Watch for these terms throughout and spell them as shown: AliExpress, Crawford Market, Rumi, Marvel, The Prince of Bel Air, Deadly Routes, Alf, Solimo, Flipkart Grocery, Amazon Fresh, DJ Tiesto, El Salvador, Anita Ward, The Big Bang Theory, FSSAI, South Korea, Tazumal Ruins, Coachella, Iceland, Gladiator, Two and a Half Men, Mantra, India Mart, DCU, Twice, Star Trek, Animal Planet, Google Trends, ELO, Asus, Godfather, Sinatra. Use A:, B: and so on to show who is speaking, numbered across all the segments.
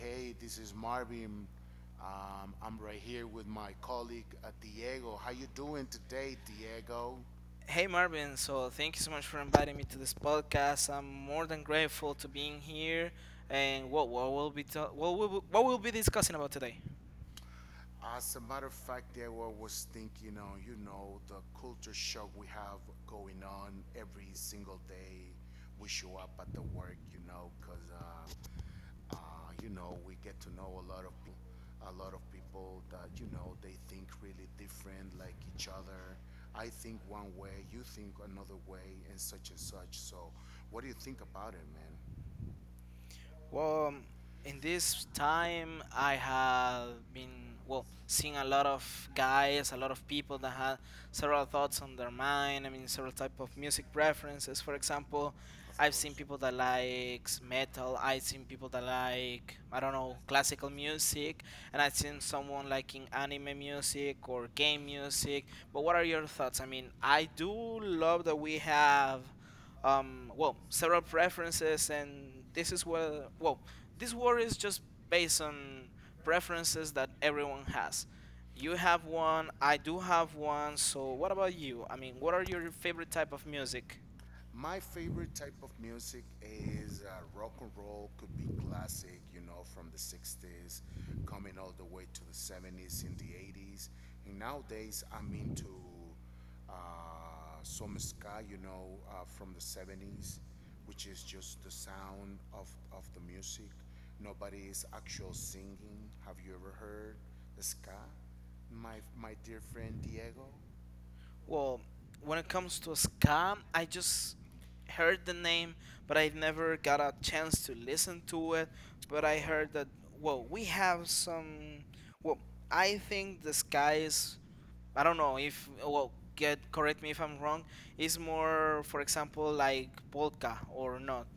A: hey, this is Marvin. I'm right here with my colleague Diego. How you doing today, Diego?
B: Hey Marvin, so thank you so much for inviting me to this podcast. I'm more than grateful to being here. And what will be what we'll be discussing about today?
A: As a matter of fact, there I was thinking on, you know, the culture shock we have going on every single day we show up at the work, you know, because, you know, we get to know a lot of people, a lot of people that, you know, they think really different, like each other. I think one way, you think another way, and such and such. So, what do you think about it, man?
B: Well, in this time, I have been well seeing a lot of guys, a lot of people that had several thoughts on their mind. I mean, several type of music preferences. For example,
A: Of
B: I've seen people that likes metal. I've seen people that like I don't know classical music, and I've seen someone liking anime music or game music. But what are your thoughts? I mean, I do love that we have well, several preferences, and this is where, well, this war
A: course.
B: is just based on preferences that everyone has. You have one, I do have one, so what about you? I mean, what are your favorite type of music?
A: My favorite type of music is rock and roll, could be classic, you know, from the 60s, coming all the way to the 70s in the 80s. And nowadays, I'm into uh, some ska, you know, from the 70s, which is just the sound of the music. Nobody is actual singing. Have you ever heard the ska? My dear friend Diego?
B: Well, when it comes to ska, I just heard the name, but I never got a chance to listen to it. But I
A: Oh,
B: heard that, well, we have some, well, I think the ska is I don't know if well get correct me if I'm wrong. Is more, for example, like polka or not.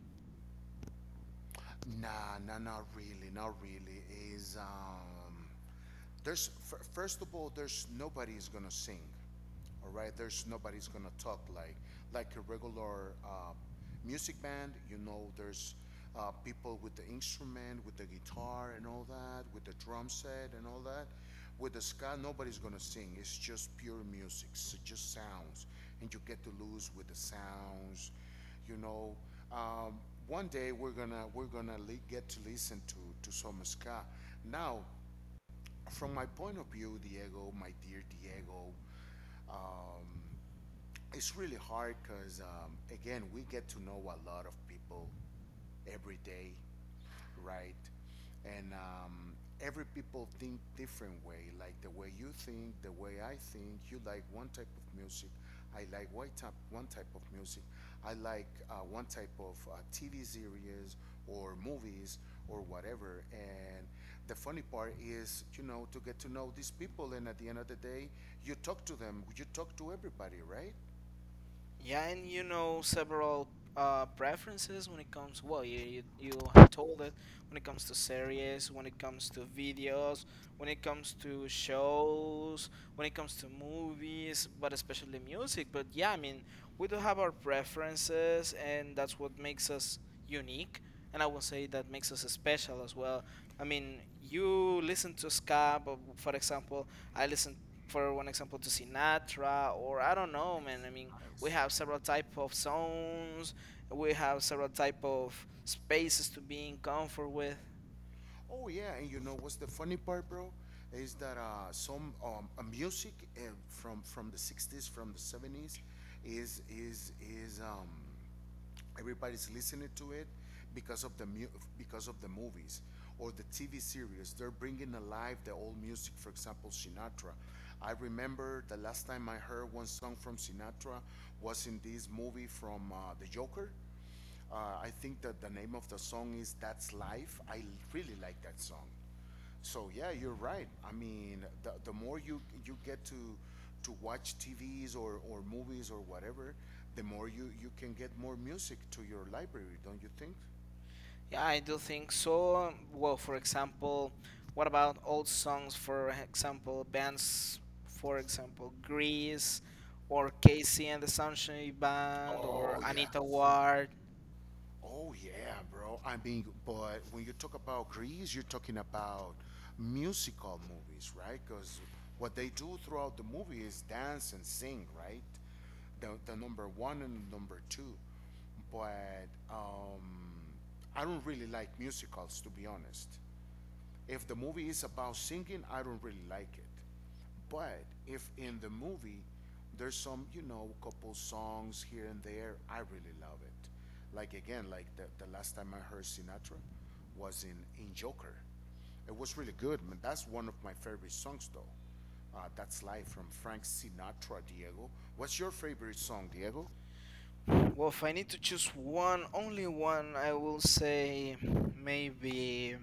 A: nah, nah, not really, not really. Is there's, first of all, there's nobody's gonna sing, all right? There's nobody's gonna talk like a regular, music band, you know, there's, people with the instrument, with the guitar and all that, with the drum set and all that. With the ska, nobody's gonna sing, it's just pure music, so just sounds, and you get to lose with the sounds, you know. Um, One day get to listen to some ska. Now, from my point of view, Diego, my dear Diego, um, it's really hard because, again, we get to know a lot of people every day, right? And every people think different way, like the way you think, the way I think. You like one type of music, I like white type, one type of music. I like one type of TV series or movies or whatever. And the funny part is, you know, to get to know these people, and at the end of the day, you talk to them. You talk to everybody, right?
B: Yeah, and you know several preferences when it comes. Well, you have told it when it comes to series, when it comes to videos, when it comes to shows, when it comes to movies, but especially music. But yeah, I mean, we do have our preferences, and that's what makes us unique. And I would say that makes us special as well. I mean, you listen to ska, but for example, I listen, for one example, to Sinatra, or I don't know, man. I mean, we
A: Nice.
B: have several type of zones we have several type of spaces to be in comfort with.
A: Oh yeah, and you know what's the funny part, bro? Is that some music from the '60s, from the '70s, is everybody's listening to it because of the because of the movies or the TV series. They're bringing alive the old music. For example, Sinatra. I remember the last time I heard one song from Sinatra was in this movie from The Joker. Uh, I think that the name of the song is "That's Life." I really like that song. So yeah, you're right. I mean, the more you get to watch TVs or movies or whatever, the more you can get more music to your library, don't you think?
B: Yeah, I do think so. Well, for example, what about old songs, for example bands, for example Grease or Casey and the Sunshine Band or
A: Oh yeah,
B: Anita Ward?
A: oh yeah, bro. I mean, but when you talk about Greece, you're talking about musical movies, right? Because what they do throughout the movie is dance and sing, right? The number one and the number two, but I don't really like musicals to be honest. If the movie is about singing, I don't really like it. But if in the movie there's some, you know, couple songs here and there, I really love it. Like again, like the last time I heard Sinatra was in Joker. It was really good, man. That's one of my favorite songs though. That's live from Frank Sinatra, Diego. What's your favorite song, Diego?
B: Well, if I need to choose one, only one, I will say maybe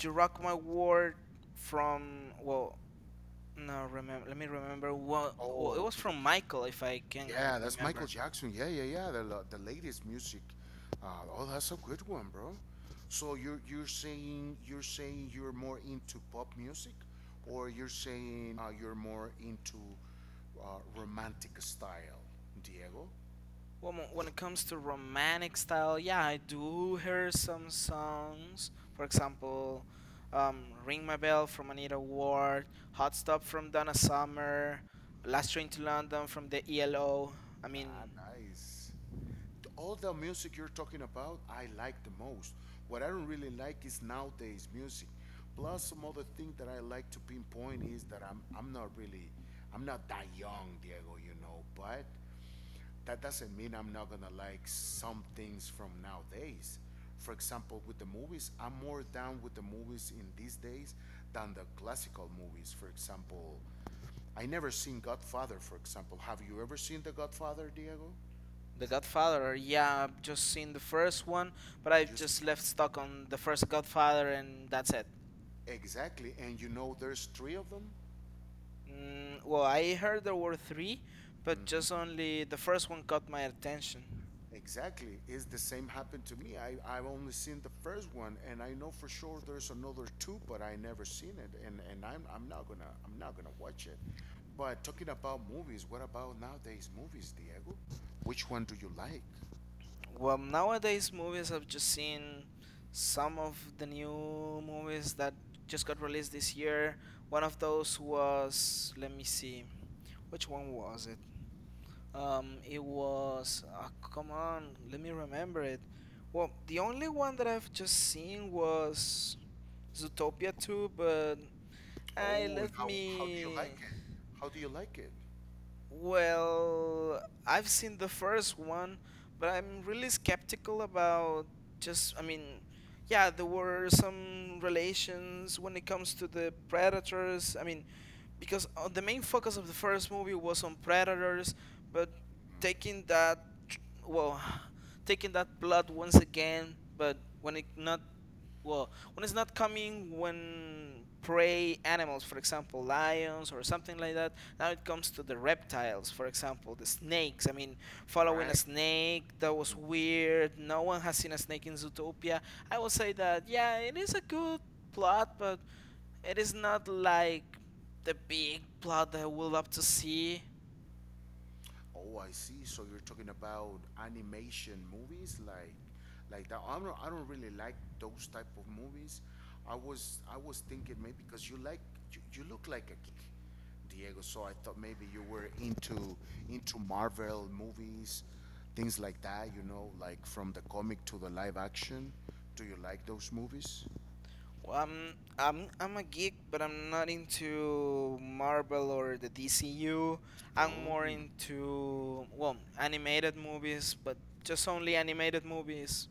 B: "To Rock My World" from well, no, remember. Let me remember. Well, well, it
A: Oh,
B: was from Michael, if I
A: yeah,
B: can
A: that's Michael
B: remember.
A: Jackson. Yeah, yeah, yeah. The the latest music. Uh, oh, that's a good one, bro. So you're saying you're more into pop music, or you're saying you're more into romantic style, Diego?
B: Well, when it comes to romantic style, yeah, I do hear some songs. For example, "Ring My Bell" from Anita Ward, "Hot Stop" from Donna Summer, "Last Train to London" from the ELO. I
A: Ah,
B: mean,
A: nice. All the music you're talking about, I like the most. What I don't really like is nowadays music. Plus, some other thing that I like to pinpoint is that I'm not really, I'm not that young, Diego. You know, but that doesn't mean I'm not gonna like some things from nowadays. For example, with the movies, I'm more down with the movies in these days than the classical movies. For example, I never seen Godfather. For example, have you ever seen the Godfather, Diego?
B: The Godfather. Yeah, I've just seen the first one, but I've
A: Just
B: just left stuck on the first Godfather, and that's it.
A: exactly, and you know, there's three of them.
B: Well, I heard there were three, but just
A: Hmm.
B: only the first one caught my attention.
A: Exactly, it's the same happened to me. I've only seen the first one, and I know for sure there's another two, but I never seen it, and I'm not gonna watch it. But talking about movies, what about nowadays movies, Diego? Which one do you like?
B: Well, nowadays movies I've just seen some of the new movies that just got released this year. One of those was, let me see, which one was it? It was, come on, let me remember it. Well, the only one that I've just seen was Zootopia 2, but I
A: Oh, and
B: let
A: how do you
B: me
A: like it? How do you like it?
B: well, I've seen the first one, but I'm really skeptical about just, I mean, yeah, there were some relations when it comes to the predators. I mean, because the main focus of the first movie was on predators, but
A: Mm.
B: taking that, tr- well, taking that plot once again, but when it not well when it's not coming when prey animals, for example lions or something like that, now it comes to the reptiles, for example the snakes. I mean, following a
A: Right?
B: snake that was weird. No one has seen a snake in Zootopia, I will say that. Yeah, it is a good plot, but it is not like the big
A: Mhm.
B: plot that I would love to see.
A: Oh, I see. So you're talking about animation movies, like that. I don't really like those type of movies. I was thinking maybe because you like, you look like a geek, Diego. So I thought maybe you were into Marvel movies, things like that. You know, like from the comic to the live action. Do you like those movies?
B: Well, I'm a geek, but I'm not into Marvel or the DCU. I'm
A: Oh,
B: more into well, animated movies, but just only animated movies,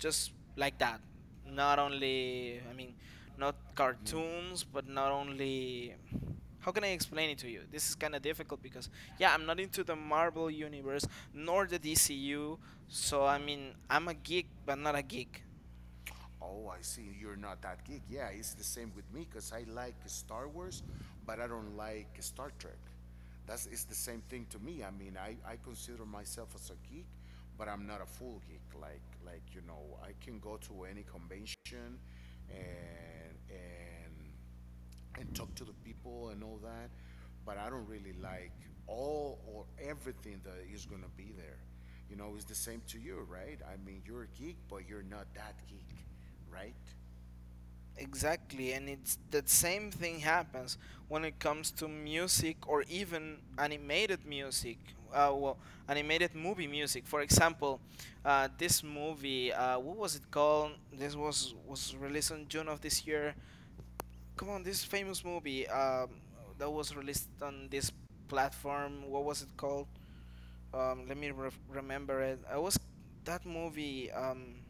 B: just like that. Not only, I mean, not cartoons, but not only. How can I explain it to you? This is kind of difficult because yeah, I'm not into the Marvel universe nor the DCU. So I mean, I'm a geek, but not a geek.
A: oh, I see. You're not that geek. Yeah, it's the same with me because I like Star Wars, but I don't like Star Trek. That's it's the same thing to me. I mean, I consider myself as a geek, but I'm not a full geek. Like you know, I can go to any convention, and and talk to the people and all that, but I don't really like all or everything that is gonna be there. You know, it's the same to you, right? I mean, you're a geek, but you're not that geek, right?
B: Exactly, and it's that same thing happens when it comes to music or even animated music. Well, animated movie music. For example, this movie, what was it called? This was released in June of this year. Come on, this famous movie that was released on this platform. What was it called? Let me remember it. I was that movie.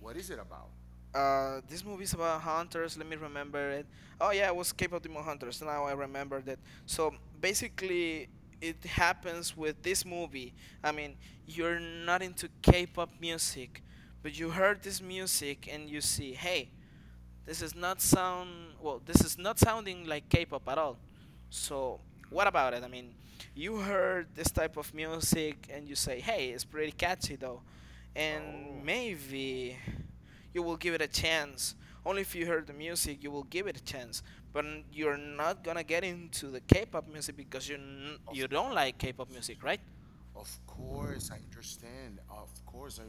A: What is it about?
B: This movie's about hunters. Let me remember it. Oh yeah, it was Cape of Demon Hunters. Now I remember that. So basically, it happens with this movie. I mean, you're not into K-pop music, but you
A: Mhm.
B: heard this music and you see, hey, this is not sound well. This is not sounding like K-pop at all. So what about it? I mean, you heard this type of music and you say, "Hey, it's pretty catchy though," and
A: Oh,
B: maybe you will give it a chance. Only if you heard the music, you will give it a chance. But you're not gonna get into the K-pop music because you
A: of
B: you don't
A: course,
B: like K-pop music, right?
A: of course, I understand. Of course, I,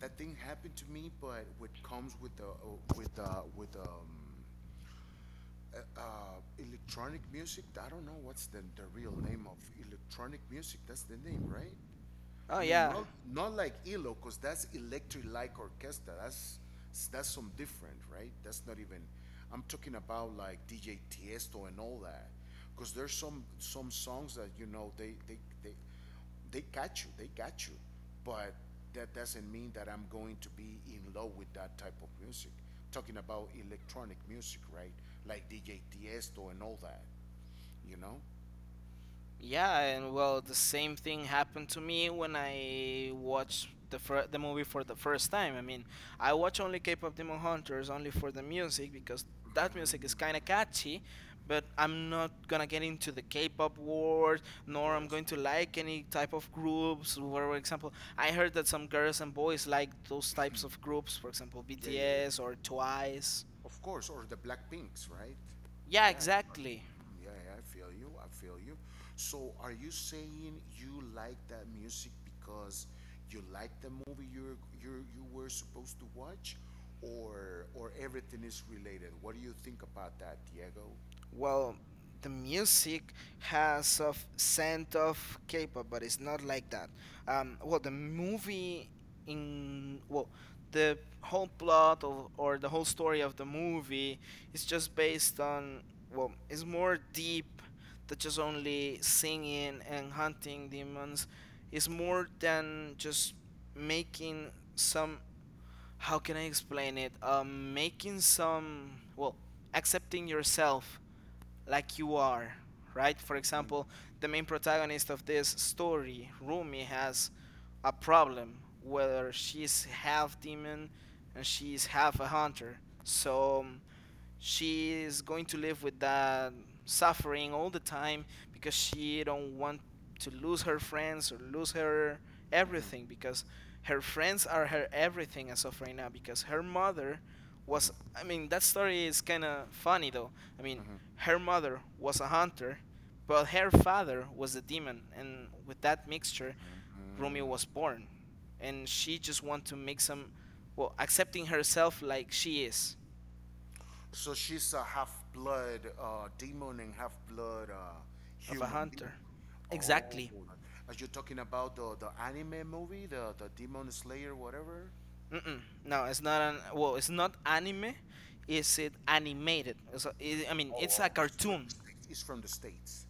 A: that thing happened to me, but what comes with the with the with electronic music. I don't know what's the real name of electronic music. That's the name, right?
B: Oh
A: I mean,
B: yeah,
A: not like ELO, cause that's electric like orchestra. That's some different, right? That's not even. I'm talking about like DJ Tiesto and all that, cause there's some songs that you know they got you, they got you, but that doesn't mean that I'm going to be in love with that type of music. Talking about electronic music, right? Like DJ Tiesto and all that, you know.
B: yeah, and well, the same thing happened to me when I watched the the movie for the first time. I mean, I watch only K-pop Demon Hunters only for the music because
A: Mm,
B: that music is kind of catchy, but I'm not gonna get into the K-pop world,
A: of
B: nor I'm
A: course.
B: going to like any type of groups. For example, I heard that some girls and boys like those types of groups, for example,
A: Yeah, yeah, yeah,
B: BTS or Twice.
A: of course, or the black pinks, right?
B: Yeah,
A: Yeah, yes, sure.
B: exactly.
A: Mm, yeah, yeah, I feel you. I feel you. So, are you saying you like that music because you like the movie you were supposed to watch, or everything is related? What do you think about that, Diego?
B: Well, the music has a scent of K-pop, but it's not like that. Well, the movie in well, the whole plot of, or the whole story of the movie is just based on well, it's more deep than just only singing and hunting demons. It's more than just making some. How can I explain it? Making some well, accepting yourself like you are, right? For example, the main protagonist of this story, Rumi, has a problem whether she's half demon and she's half a hunter. So she is going to live with that suffering all the time because she don't want to lose her friends or lose her everything because her friends are her everything as of right now because her mother was I mean that story is kind of funny though. I mean her mother was a hunter but her father was a demon and with that mixture Romeo
A: Everything.
B: was born and she just want to make some well accepting herself like she is
A: So she's a half blood demon and half blood
B: of a
A: human being.
B: hunter.
A: Oh,
B: Exactly.
A: are you talking about the anime movie, the Demon Slayer, whatever?
B: Mm-mm. No, it's not an well. It's not anime. Is it animated? It's I mean, it's a
A: Oh, oh.
B: cartoon.
A: It's from the States,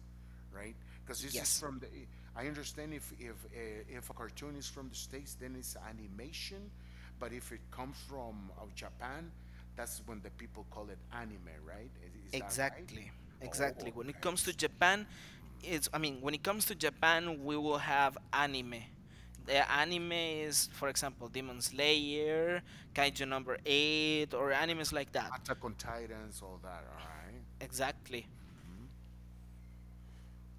A: right? Because this is
B: Yes,
A: from the. I understand if if a cartoon is from the States, then it's animation, but if it comes from Japan, that's when the people call it anime, right? Is that right?
B: exactly,
A: Oh,
B: exactly. When it
A: okay.
B: comes to
A: So,
B: Japan, it's I mean, when it comes to Japan, we will have anime. The
A: right.
B: anime is, for example, Demon Slayer, Kaiju
A: Mm.
B: Number Eight, or animes like that.
A: Attack on Titans, all that. All right.
B: Exactly.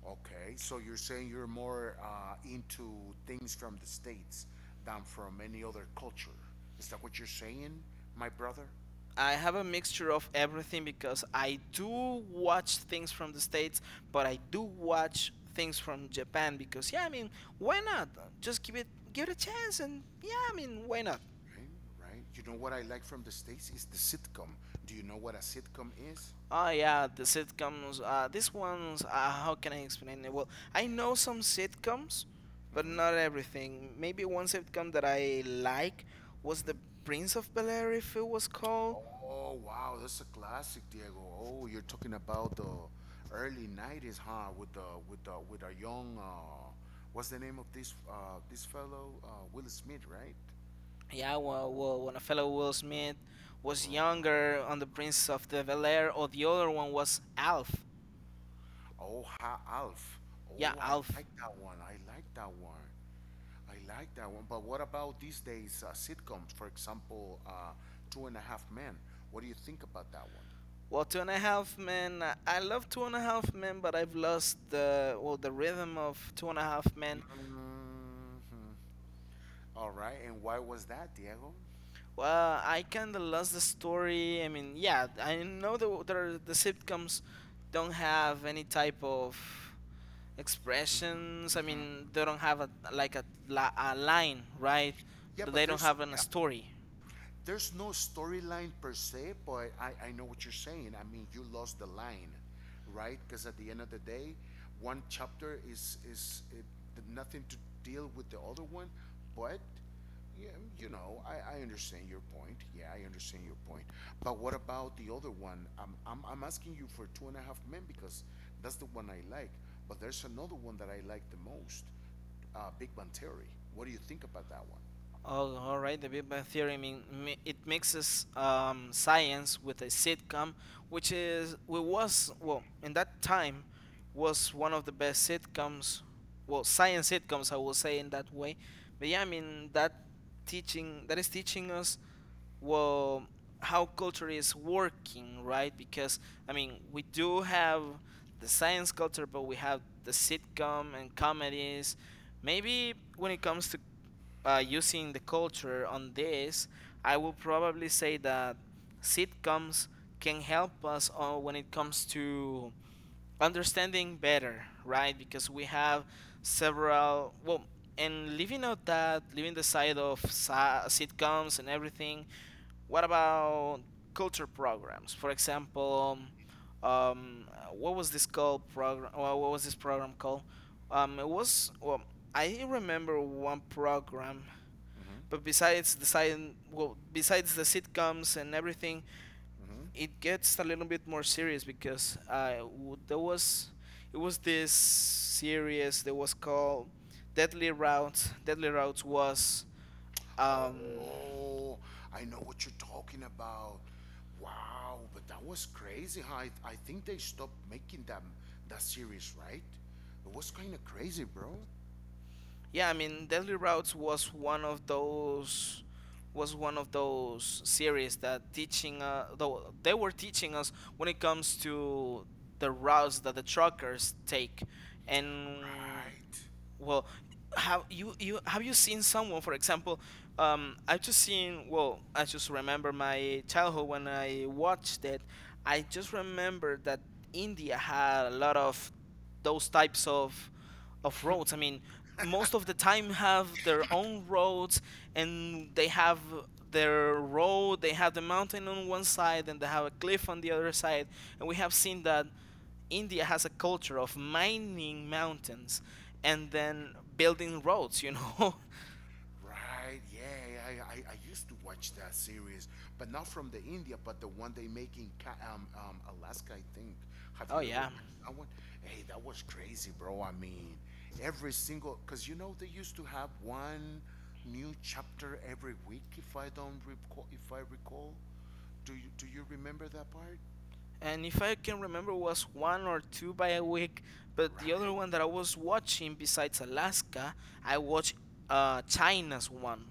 A: Okay, so you're saying you're more into things from the States than from any other culture. Is that what you're saying, my brother?
B: I have a mixture of everything because I do watch things from the States, but I do watch things from Japan because yeah, I mean, why not? Just give it a chance and yeah, I mean, why not?
A: Right, right. You know what I like from the States is the sitcom. Do you know what a sitcom is?
B: Oh yeah, the sitcoms. These ones. How can I explain it? Well, I know some sitcoms, but not
A: Hmm.
B: everything. Maybe one sitcom that I like was the
A: Hmm.
B: Prince of Bel Air, if it was called.
A: Oh, wow, that's a classic, Diego. Oh, you're talking about the early 90s, huh? With the with a young what's the name of this fellow? Will Smith, right?
B: Yeah, well, well, when a fellow Will Smith was
A: Right.
B: younger on The Prince of the Bel Air, or the other one was Alf.
A: Oh, ha, Alf.
B: Yeah,
A: Oh, I like
B: Alf.
A: that one. I like that one. I like that one. But what about these days sitcoms? For example, Two and a Half Men. What do you think about that one?
B: Well, Two and a Half Men. I love Two and a Half Men, but I've lost the well the rhythm of Two and a Half Men.
A: Mhm. All right. And why was that, Diego?
B: Well, I kind of lost the story. I mean, yeah, I know the sitcoms don't have any type of expressions. I
A: Mhm.
B: mean, they don't have a like a, a line, right?
A: Yeah, but
B: They don't
A: there's so,
B: have an, a story.
A: there's no storyline per se, but I know what you're saying. I mean, you lost the line, right? Because at the end of the day, one chapter is it, nothing to deal with the other one, but yeah, you know, I understand your point. Yeah, I understand your point. But what about the other one? I'm asking you for Two and a Half Men because that's the one I like. But there's another one that I like the most, Big Bang Theory. What do you think about that one?
B: Oh, all right. The Big Bang Theory mean it mixes science with a sitcom, which is well, was well in that time was one of the best sitcoms. Well, science sitcoms, I will say in that way. But yeah, I mean that teaching that is teaching us well how culture is working, right? Because I mean we do have the science culture, but we have the sitcom and comedies. Maybe when it comes to using the culture on this, I will probably say that sitcoms can help us when it comes to understanding better, right? Because we have several, well, and leaving out that, leaving the side of sitcoms and everything, what about culture programs? For example, um, what was this called program? Well, what was this program called? It was well, I remember one program,
A: Hmm.
B: but besides the side, well, besides the sitcoms and everything,
A: Hmm.
B: it gets a little bit more serious because there was, it was this series that was called Deadly Routes. Deadly Routes was um
A: Oh, I know what you're talking about. Wow, but that was crazy. Huh? I think they stopped making them that series, right? It was kind of crazy, bro.
B: yeah, I mean Deadly Routes was one of those, was one of those series that teaching though they were teaching us when it comes to the routes that the truckers take. And
A: Right.
B: well, have you have you seen someone, for example, I've just seen. Well, I just remember my childhood when I watched it. I just remember that India had a lot of those types of roads. I mean, most of the time have their own roads, and they have their road. They have the mountain on one side, and they have a cliff on the other side. And we have seen that India has a culture of mining mountains and then building roads, you know?
A: Right, yeah, yeah, I used to watch that series, but not from the India, but the one they make in Alaska, I think. Have
B: Oh,
A: you ever
B: yeah.
A: watched that one? Hey, that was crazy, bro. I mean, every single, because you know they used to have one new chapter every week, if I recall. Do you remember that part?
B: And if I can remember, it was one or two by a week. But the other
A: Right?
B: one that I was watching, besides Alaska, I watched China's one.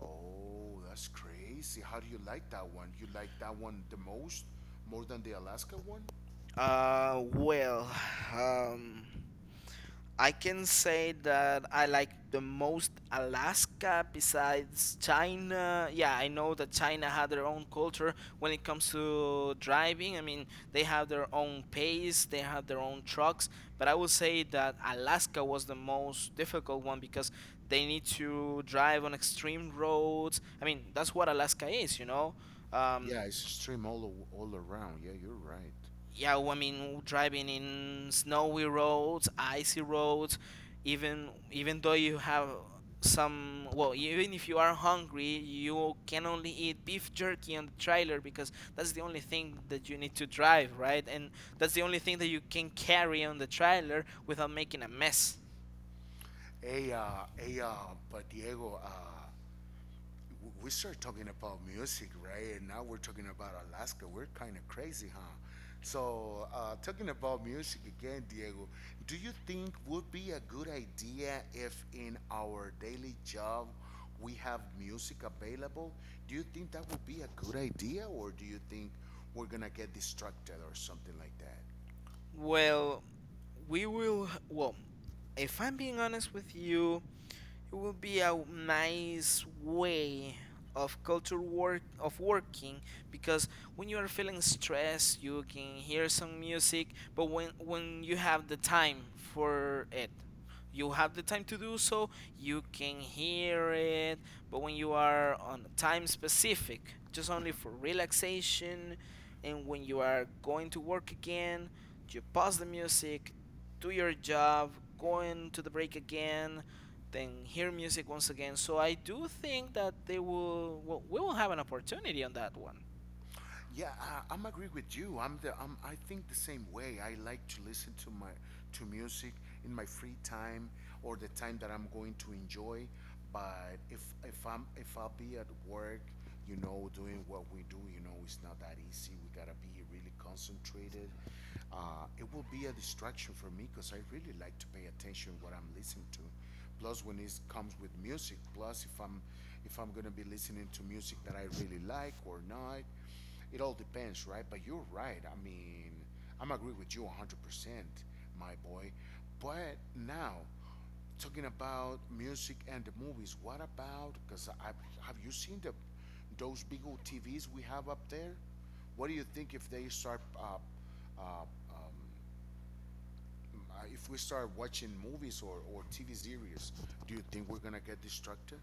A: Oh, that's crazy. How do you like that one? You like that one the most, more than the Alaska one?
B: Uh, well, um, I can say that I like the most Alaska besides China. Yeah, I know that China had their own culture when it comes to driving. I mean, they have their own pace, they have their own trucks, but I would say that Alaska was the most difficult one because they need to drive on extreme roads. I mean, that's what Alaska is, you know. Um,
A: Yeah, it's stream all all around. Yeah, you're right.
B: I mean driving in snowy roads, icy roads. Even though you have some, well, even if you are hungry, you can only eat beef jerky on the trailer because that's the only thing that you need to drive, right? And that's the only thing that you can carry on the trailer without making a mess.
A: Hey, but Diego, we started talking about music, right? And now we're talking about Alaska. We're kind of crazy, huh? So, talking about music again, Diego, do you think would be a good idea if in our daily job we have music available? Do you think that would be a good idea, or do you think we're gonna get distracted or something like that?
B: Well we will well If I'm being honest with you, it will be a nice way of culture work of working, because when you are feeling stressed, you can hear some music. But when you have the time for it, you have the time to do so, you can hear it. But when you are on a time specific, just only for relaxation, and when you are going to work again, you pause the music, do your job, go into the break again, then hear music once again. So I do think that they will, well, we will have an opportunity on that one.
A: Yeah, I'm agree with you. I think the same way. I like to listen to my to music in my free time or the time that I'm going to enjoy. But if I'm if I'll be at work, you know, doing what we do, you know, it's not that easy. We gotta be really concentrated. It will be a distraction for me because I really like to pay attention what I'm listening to. Plus, when it comes with music, plus if I'm gonna be listening to music that I really like or not, it all depends, right? But you're right. I mean, I'm agree with you 100%, my boy. But now, talking about music and the movies, what about? Because I have you seen the those big old TVs we have up there? What do you think if they start, uh, um, if we start watching movies or TV series? Do you think we're gonna get distracted,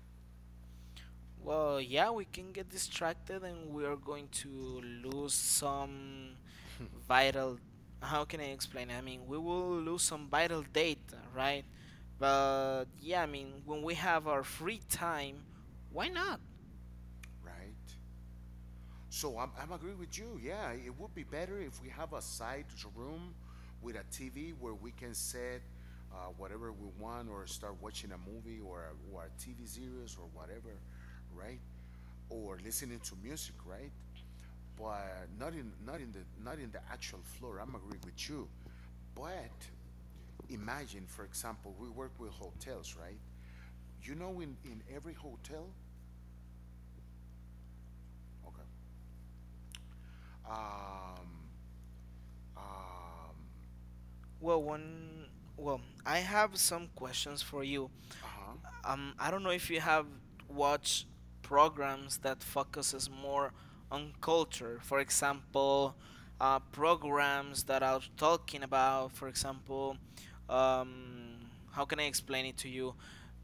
B: Well, yeah, we can get distracted and we are going to lose some vital, how can I explain it? I mean, we will lose some vital data, right? But yeah, I mean, when we have our free time, why not?
A: right? So I'm agreeing with you. Yeah, it would be better if we have a side room with a TV where we can set whatever we want or start watching a movie or a TV series or whatever, right? Or listening to music, right? But not in the not in the actual floor. I'm agreeing with you. But imagine, for example, we work with hotels, right? You know, in every hotel, okay, um, um,
B: Well, when well, I have some questions for you.
A: uh huh,
B: I don't know if you have watched programs that focuses more on culture. For example, programs that are talking about, for example, um, how can I explain it to you?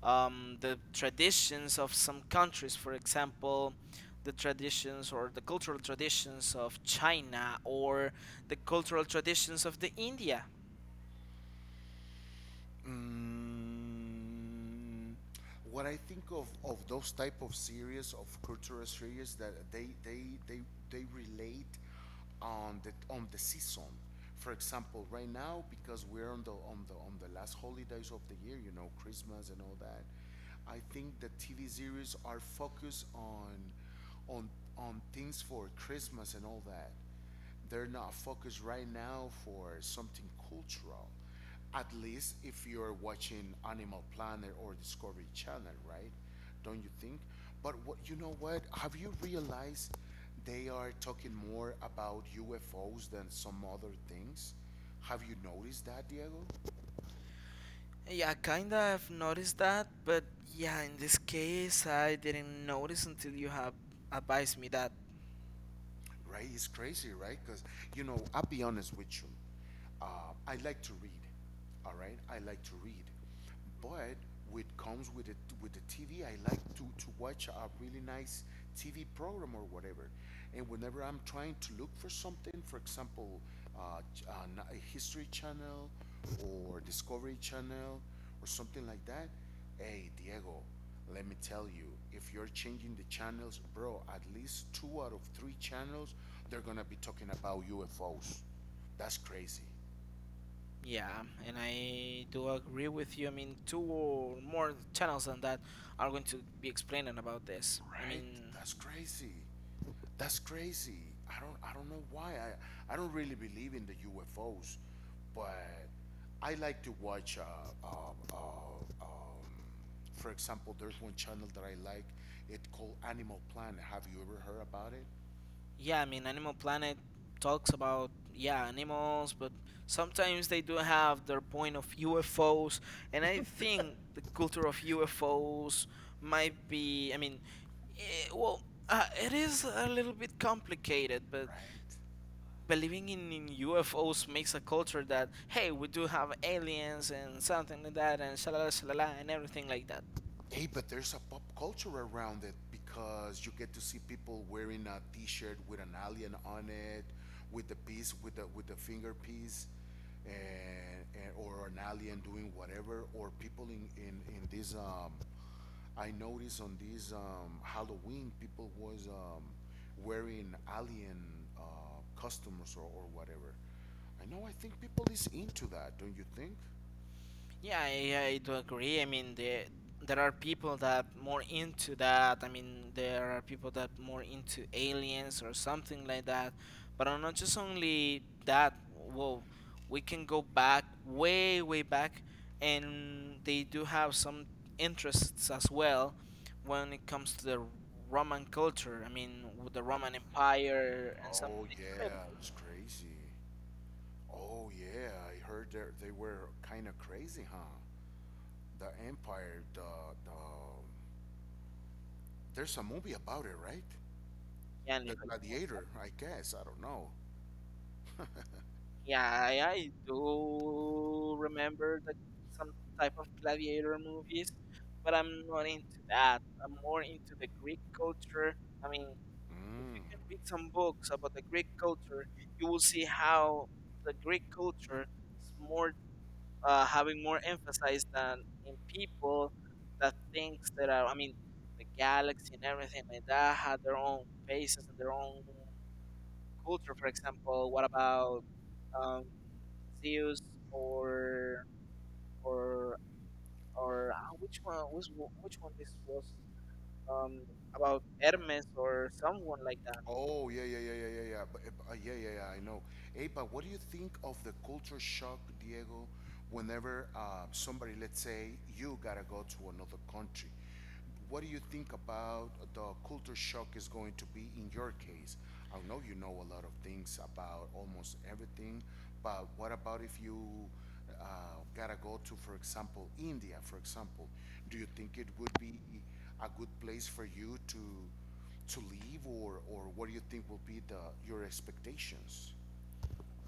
B: The traditions of some countries, for example, the traditions or the cultural traditions of China or the cultural traditions of the India.
A: Mm, when I think of those type of series of cultural series that they relate on the season. For example, right now because we're on the on the last holidays of the year, you know, Christmas and all that. I think the TV series are focused on on things for Christmas and all that. They're not focused right now for something cultural. At least if you're watching Animal Planet or Discovery Channel, right? Don't you think? But what you know what? Have you realized they are talking more about UFOs than some other things? Have you noticed that, Diego?
B: Yeah, kinda I've noticed that, but yeah, in this case, I didn't notice until you have advised me that.
A: Right? It's crazy, right? Because, you know, I'll be honest with you. I like to read, all right? I like to read. But what comes with it with the TV, I like to watch a really nice TV program or whatever. And whenever I'm trying to look for something, for example, a History Channel or Discovery Channel or something like that, hey, Diego, let me tell you, if you're changing the channels, bro, at least two out of three channels, they're gonna be talking about UFOs. That's crazy,
B: Yeah, and I do agree with you. I mean, two or more channels than that are going to be explaining about this. I
A: right?
B: mean,
A: That's crazy. That's crazy. I don't know why. I don't really believe in the UFOs, but I like to watch. Uh, um, for example, there's one channel that I like. It's called Animal Planet. Have you ever heard about it?
B: yeah, I mean, Animal Planet talks about, yeah, animals, but sometimes they do have their point of UFOs, and I think the culture of UFOs might be, I mean, eh, well, it is a little bit complicated, but
A: Right.
B: believing in UFOs makes a culture that, hey, we do have aliens and something like that, and shalala, shalala, and everything like that.
A: Hey, but there's a pop culture around it because you get to see people wearing a T-shirt with an alien on it, with the piece, with the finger piece, and or an alien doing whatever, or people in this. I noticed on this Halloween, people was wearing alien costumes or whatever. I know. I think people is into that, don't you think?
B: Yeah, I do agree. I mean, there are people that more into that. I mean, there are people that more into aliens or something like that. But I'm not just only that. Whoa, we can go back way back, and they do have some interests as well when it comes to the Roman culture. I mean, with the Roman Empire and
A: Oh
B: something. It's related
A: yeah,
B: to
A: it's crazy. Oh yeah, I heard they were kind of crazy, huh? The Empire, the there's a movie about it, right?
B: Christianity.
A: The Gladiator, I guess. I don't know.
B: Yeah, I do remember some type of gladiator movies, but I'm not into that. I'm more into the Greek culture. I mean, if
A: Mm.
B: you can read some books about the Greek culture, you will see how the Greek culture is more having more emphasis than in people that thinks that are. I mean, the galaxy and everything like that had their own faces and their own culture. For example, what about um, Zeus or or which one which, one- which one this was um, about Hermes or someone like that?
A: Oh yeah, yeah, yeah, yeah, yeah, yeah. But, yeah, yeah, yeah. I know. Hey, but what do you think of the culture shock, Diego? Whenever somebody, let's say, you gotta go to another country, what do you think about the culture shock is going to be in your case? I know you know a lot of things about almost everything, but what about if you gotta go to, for example, India, for example? Do you think it would be a good place for you to leave, or what do you think will be the your expectations?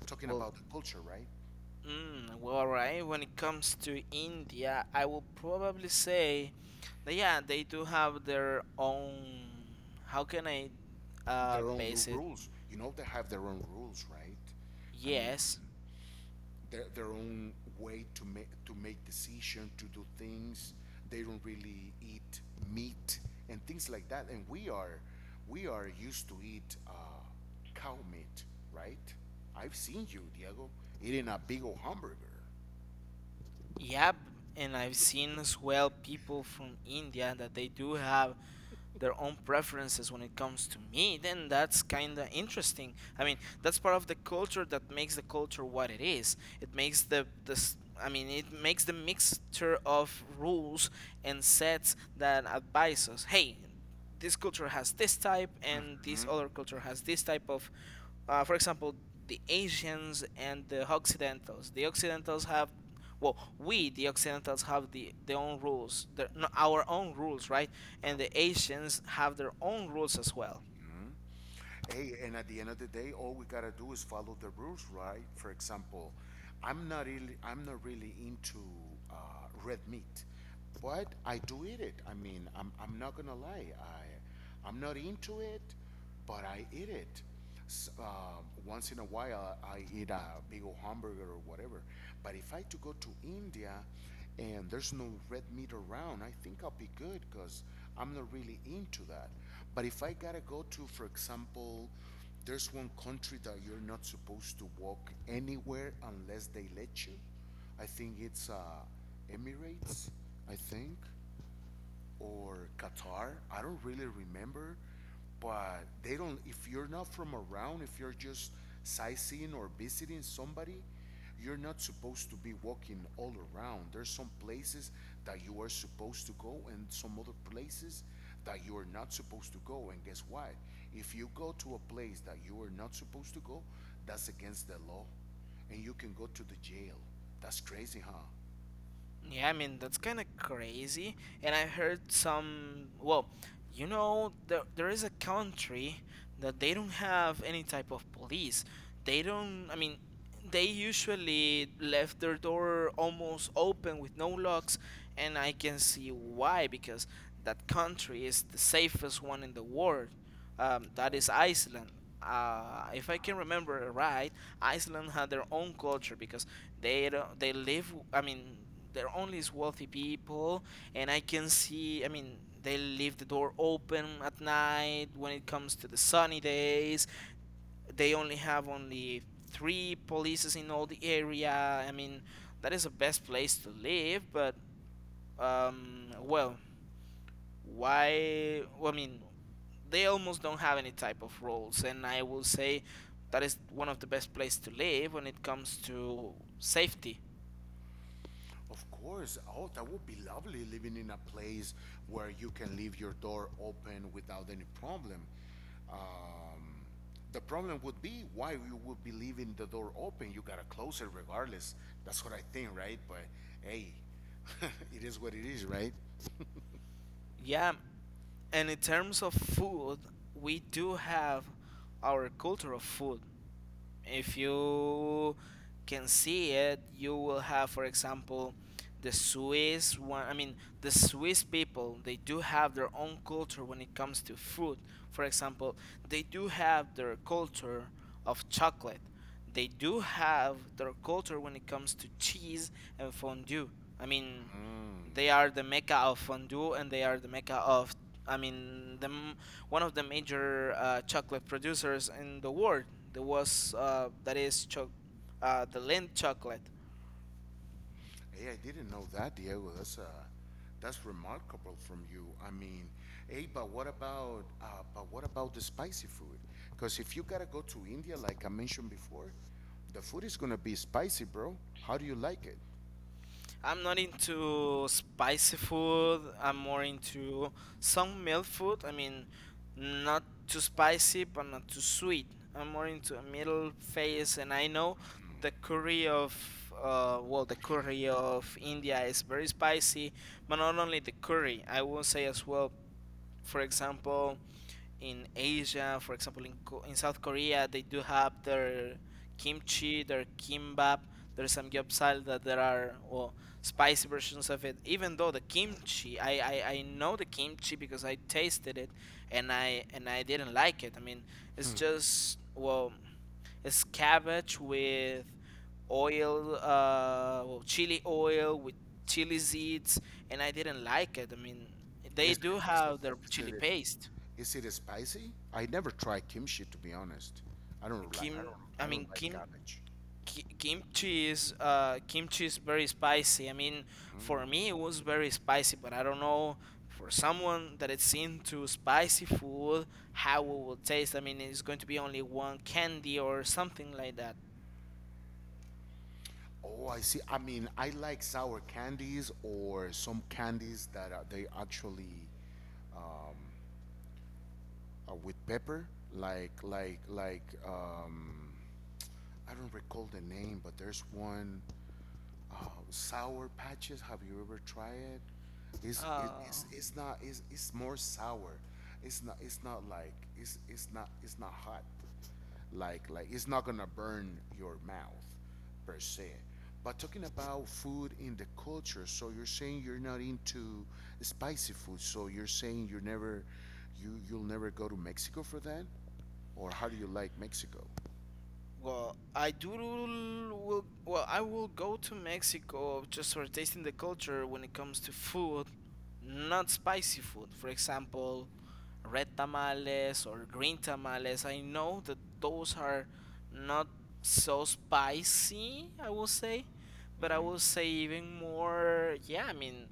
A: Talking
B: Well,
A: about the culture, right?
B: all right. When it comes to India, I will probably say that yeah, they do have their own. How can I
A: Their own
B: base it?
A: rules. You know they have their own rules, right? I mean,
B: Yes,
A: their own way to make decision, to do things. They don't really eat meat and things like that. And we are used to eat cow meat, right? I've seen you, Diego, eating a big old hamburger.
B: yeah, and I've seen as well people from India that they do have their own preferences when it comes to meat, and that's kind of interesting. I mean, that's part of the culture that makes the culture what it is. It makes the this. I mean, it makes the mixture of rules and sets that advise us. Hey, this culture has this type, and this
A: Mm?
B: other culture has this type of for example, the Asians and the Occidentals. The Occidentals have, well, we the Occidentals have the their own rules, their, no, our own rules, right? And the Asians have their own rules as well.
A: Mm? Hey, and at the end of the day, all we gotta do is follow the rules, right? For example, I'm not really into red meat, but I do eat it. I mean, I'm not gonna lie. I'm not into it, but I eat it. Once in a while, I eat a big old hamburger or whatever. But if I to go to India and there's no red meat around, I think I'll be good because I'm not really into that. But if I gotta go to, for example, there's one country that you're not supposed to walk anywhere unless they let you. I think it's Emirates, I think, or Qatar. I don't really remember, but they don't if you're not from around, if you're just sightseeing or visiting somebody, you're not supposed to be walking all around. There's some places that you are supposed to go and some other places that you are not supposed to go, and guess what? If you go to a place that you are not supposed to go, that's against the law and you can go to the jail. That's crazy, huh?
B: Yeah, I mean that's kind of crazy. And I heard some. Well, you know, there is a country that they don't have any type of police. They don't. I mean, they usually left their door almost open with no locks, and I can see why, because that country is the safest one in the world. That is Iceland. If I
A: Oh,
B: can remember right, Iceland had their own culture because they don't, they live. I mean, they're only wealthy people, and I can see. I mean, they leave the door open at night when it comes to the sunny days. They only have only three polices in all the area. I mean, that is the best place to live. But well, why? I mean, they almost don't have any type of roles, and I will say that is one of the best place to live when it comes to safety.
A: of course. Oh, that would be lovely living in a place where you can leave your door open without any problem. Um, the problem would be why you would be leaving the door open. You gotta close it regardless. That's what I think, right? But hey, it is what it is, right?
B: Yeah. And in terms of food, we do have our culture of food. If you can see it, you will have, for example, the Swiss one. I mean, the Swiss people, they do have their own culture when it comes to food. For example, they do have their culture of chocolate. They do have their culture when it comes to cheese and fondue. I mean,
A: Mm.
B: they are the mecca of fondue, and they are the mecca of, I mean, the one of the major chocolate producers in the world. There was that is the Lindt chocolate.
A: Hey, I didn't know that, Diego. That's that's remarkable from you. I mean, hey, but what about the spicy food? Because if you gotta go to India, like I mentioned before, the food is gonna be spicy, bro. How do you like it?
B: I'm not into spicy food. I'm more into some mild food. I mean, not too spicy, but not too sweet. I'm more into a middle phase, and I know the curry of, well, the curry of India is very spicy, but not only the curry. I will say as well, for example, in Asia, for example, in in South Korea, they do have their kimchi, their kimbap, their samgyeopsal. That there are, well, spicy versions of it. Even though the kimchi, I know the kimchi because I tasted it, and I didn't like it. I mean, it's
A: Hmm.
B: just, well, it's cabbage with oil, well, chili oil with chili seeds, and I didn't like it. I mean, they
A: Is,
B: do
A: is, it-
B: have their
A: is,
B: chili
A: it,
B: paste.
A: is it spicy? I never tried kimchi to be honest.
B: Kim, I
A: I don't
B: mean
A: like
B: Kim,
A: cabbage.
B: kimchi is very spicy. I mean, for
A: Mm.
B: me it was very spicy, but I don't know for someone that is into spicy food how it will taste. I mean, it's going to be only one candy or something like that.
A: Oh, I see. I mean, I like sour candies or some candies that are, they actually um, with pepper, like I don't recall the name, but there's one uh, sour patches. Have you ever tried it? It's it,
B: Uh,
A: it's it's not it's more sour. It's not like it's not hot. Like it's not gonna burn your mouth per se. But talking about food in the culture, so you're saying you're not into spicy food. So you're saying you you'll never go to Mexico for that? Or how do you like Mexico?
B: I will go to Mexico just for tasting the culture when it comes to food, not spicy food. For example, red tamales or green tamales. I know that those are not so spicy, I will say, but I will
A: Mm-hmm.
B: say even more, yeah, I mean,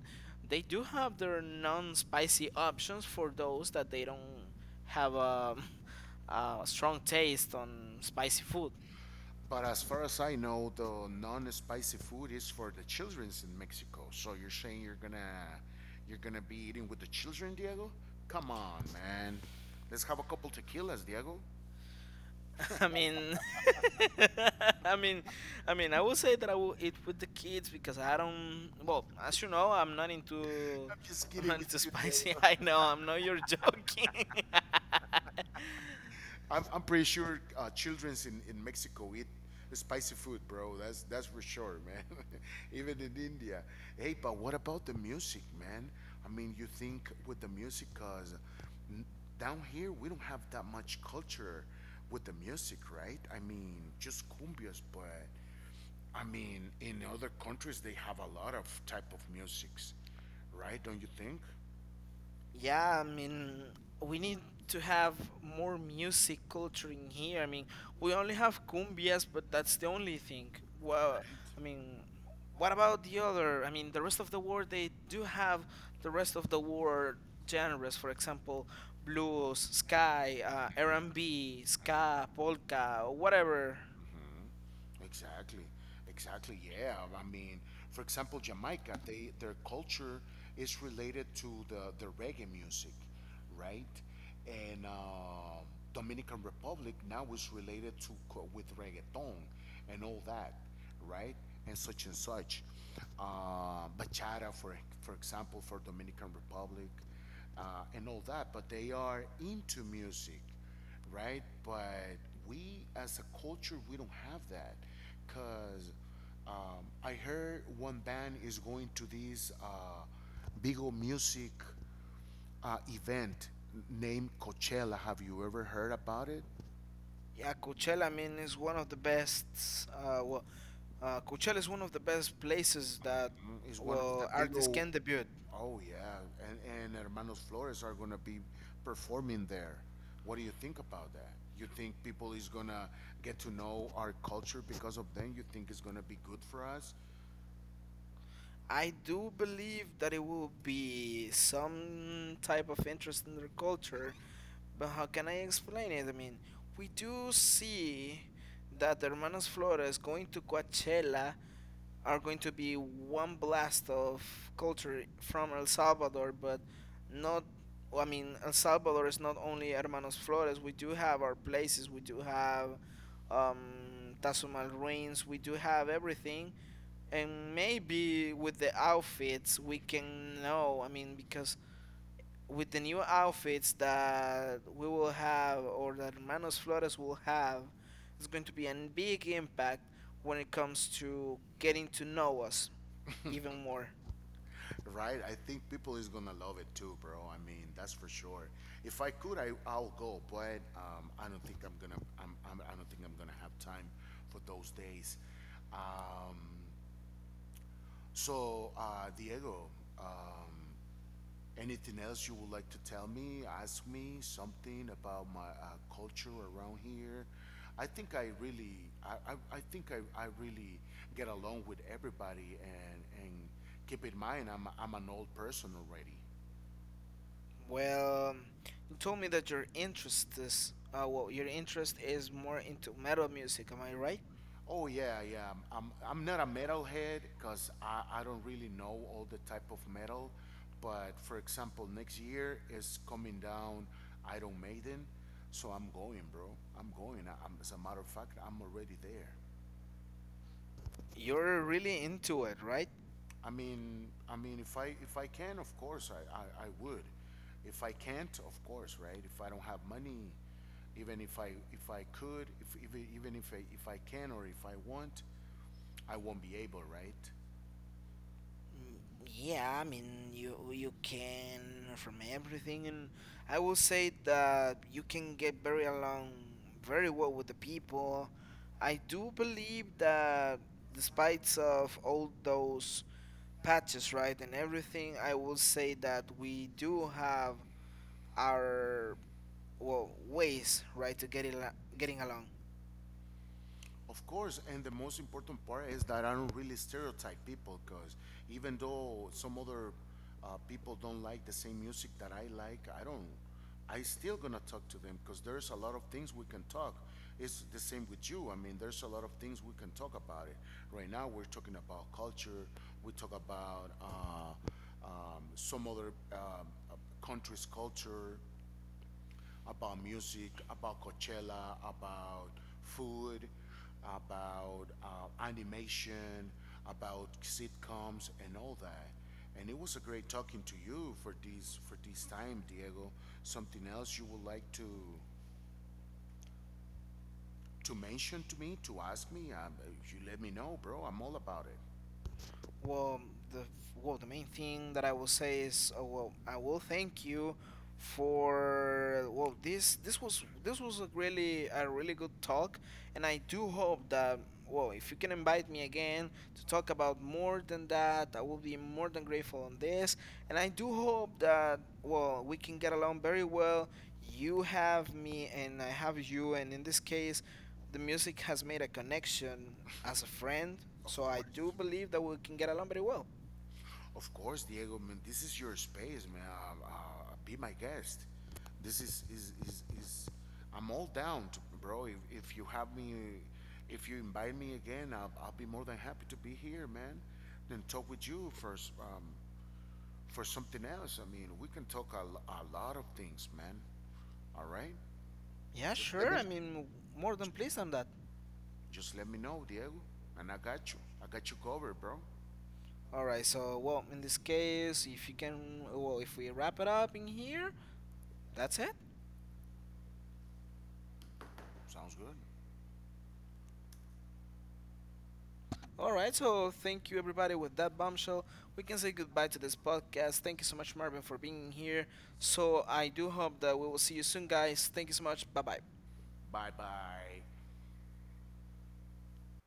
B: they do have their non-spicy options for those that they don't have a, a strong taste on spicy food.
A: But as far as I know, the non-spicy food is for the childrens in Mexico. So you're saying you're gonna be eating with the children, Diego? Come on, man. Let's have a couple tequilas, Diego.
B: I mean, I mean, I will say that I will eat with the kids because I don't. Well, as you know, I'm not into.
A: I'm just
B: I'm
A: kidding
B: not
A: with
B: into
A: you,
B: spicy.
A: Diego.
B: I know. I'm not. You're joking.
A: I'm pretty sure childrens in Mexico eat spicy food, bro. That's for sure, man. Even in India. Hey, but what about the music, man? I mean, you think with the music, cause n- down here we don't have that much culture with the music, right? I mean, just cumbias, but I mean, in other countries they have a lot of type of musics, right? Don't you think?
B: Yeah, I mean, we need to have more music culture in here. I mean, we only have cumbias, but that's the only thing. Well, I mean, what about the other? I mean, the rest of the world, they do have the rest of the world genres. For example, blues, sky, R&B, ska, polka, or whatever.
A: Mhm. Exactly. Exactly. Yeah. I mean, for example, Jamaica, they their culture is related to the reggae music, right? And Dominican Republic now is related to with reggaeton and all that, right? And such and such. Bachata, for example, for Dominican Republic and all that. But they are into music, right? But we as a culture, we don't have that. Cause I heard one band is going to this big old music event named Coachella. Have you ever heard about it?
B: Yeah, Coachella, I mean, is one of the best.
A: Mhm.
B: Uh, well, Coachella is one of the best places that,
A: It's one of the
B: well,
A: big
B: artists
A: old.
B: can debut.
A: Oh yeah, and Hermanos Flores are gonna be performing there. What do you think about that? You think people is gonna get to know our culture because of them? You think it's gonna be good for us?
B: I do believe that it will be some type of interest in their culture, but how can I explain it? I mean, we do see that the Hermanas Flores going to Coachella are going to be one blast of culture from El Salvador, but not, I mean, El Salvador is not only Hermanos Flores. We do have our places, we do have Tazumal Ruins, we do have everything, and maybe with the outfits we can know. I mean, because with the new outfits that we will have or that manos flores will have, it's going to be a big impact when it comes to getting to know us even more.
A: Right? I think people is gonna love it too, bro. I mean, that's for sure. If I could, I'll go, but I don't think I'm gonna I don't think I'm gonna have time for those days. Um, Diego, um, anything else you would like to tell me, ask me something about my culture around here? I think I really get along with everybody, and keep in mind, I'm an old person already.
B: Well, you told me that your interest is well, your interest is more into metal music, am I right?
A: Oh yeah, yeah. I'm not a metalhead because I don't really know all the type of metal. But for example, next year is coming down Iron Maiden. So I'm going, bro. I'm going. As a matter of fact, I'm already there.
B: You're really into it, right?
A: I mean, if I can, of course, I would. If I can't, of course, right? If I don't have money, even if I could, if even if I can or if I want, I won't be able, right?
B: Mm, yeah, I mean, you can from everything, and I will say that you can get very along very well with the people. I do believe that despite of all those patches, right, and everything, I will say that we do have our well ways, right, to
A: Right?
B: getting along.
A: Of course, and the most important part is that I don't really stereotype people because even though some other people don't like the same music that I like, I don't. I still gonna talk to them because there's a lot of things we can talk. It's the same with you. I mean, there's a lot of things we can talk about it. Right now, we're talking about culture. We talk about some other uh, country's culture, about music, about Coachella, about food, about animation, about sitcoms, and all that. And it was a great talking to you for this time, Diego. Something else you would like to mention to me, to ask me? You let me know, bro. I'm all about it.
B: Well, the well, the main thing that I will say is, well, I will thank you for, well, this was a really good talk, and I do hope that, well, if you can invite me again to talk about more than that, I will be more than grateful on this, and I do hope that, well, we can get along very well. You have me, and I have you, and in this case, the music has made a connection as a friend.
A: Of
B: So I
A: course.
B: do believe that we can get along very well.
A: Of course, Diego. Man, this is your space, man. Be my guest. This is. I'm all down to, bro. If you have me, if you invite me again, I'll be more than happy to be here, man. Then talk with you first for something else. I mean, we can talk a, lo- a lot of things, man. All right.
B: Yeah,
A: Just let
B: sure.
A: me
B: I mean, more than pleased on that.
A: just let me know, Diego, and I got you. I got you covered, bro.
B: All right. So, well, in this case, if you can, well, if we wrap it up in here, that's it.
A: Sounds good.
B: All right. So, thank you, everybody. With that bombshell, we can say goodbye to this podcast. Thank you so much, Marvin, for being here. So, I do hope that we will see you soon, guys. Thank you so much. Bye bye.
A: Bye bye.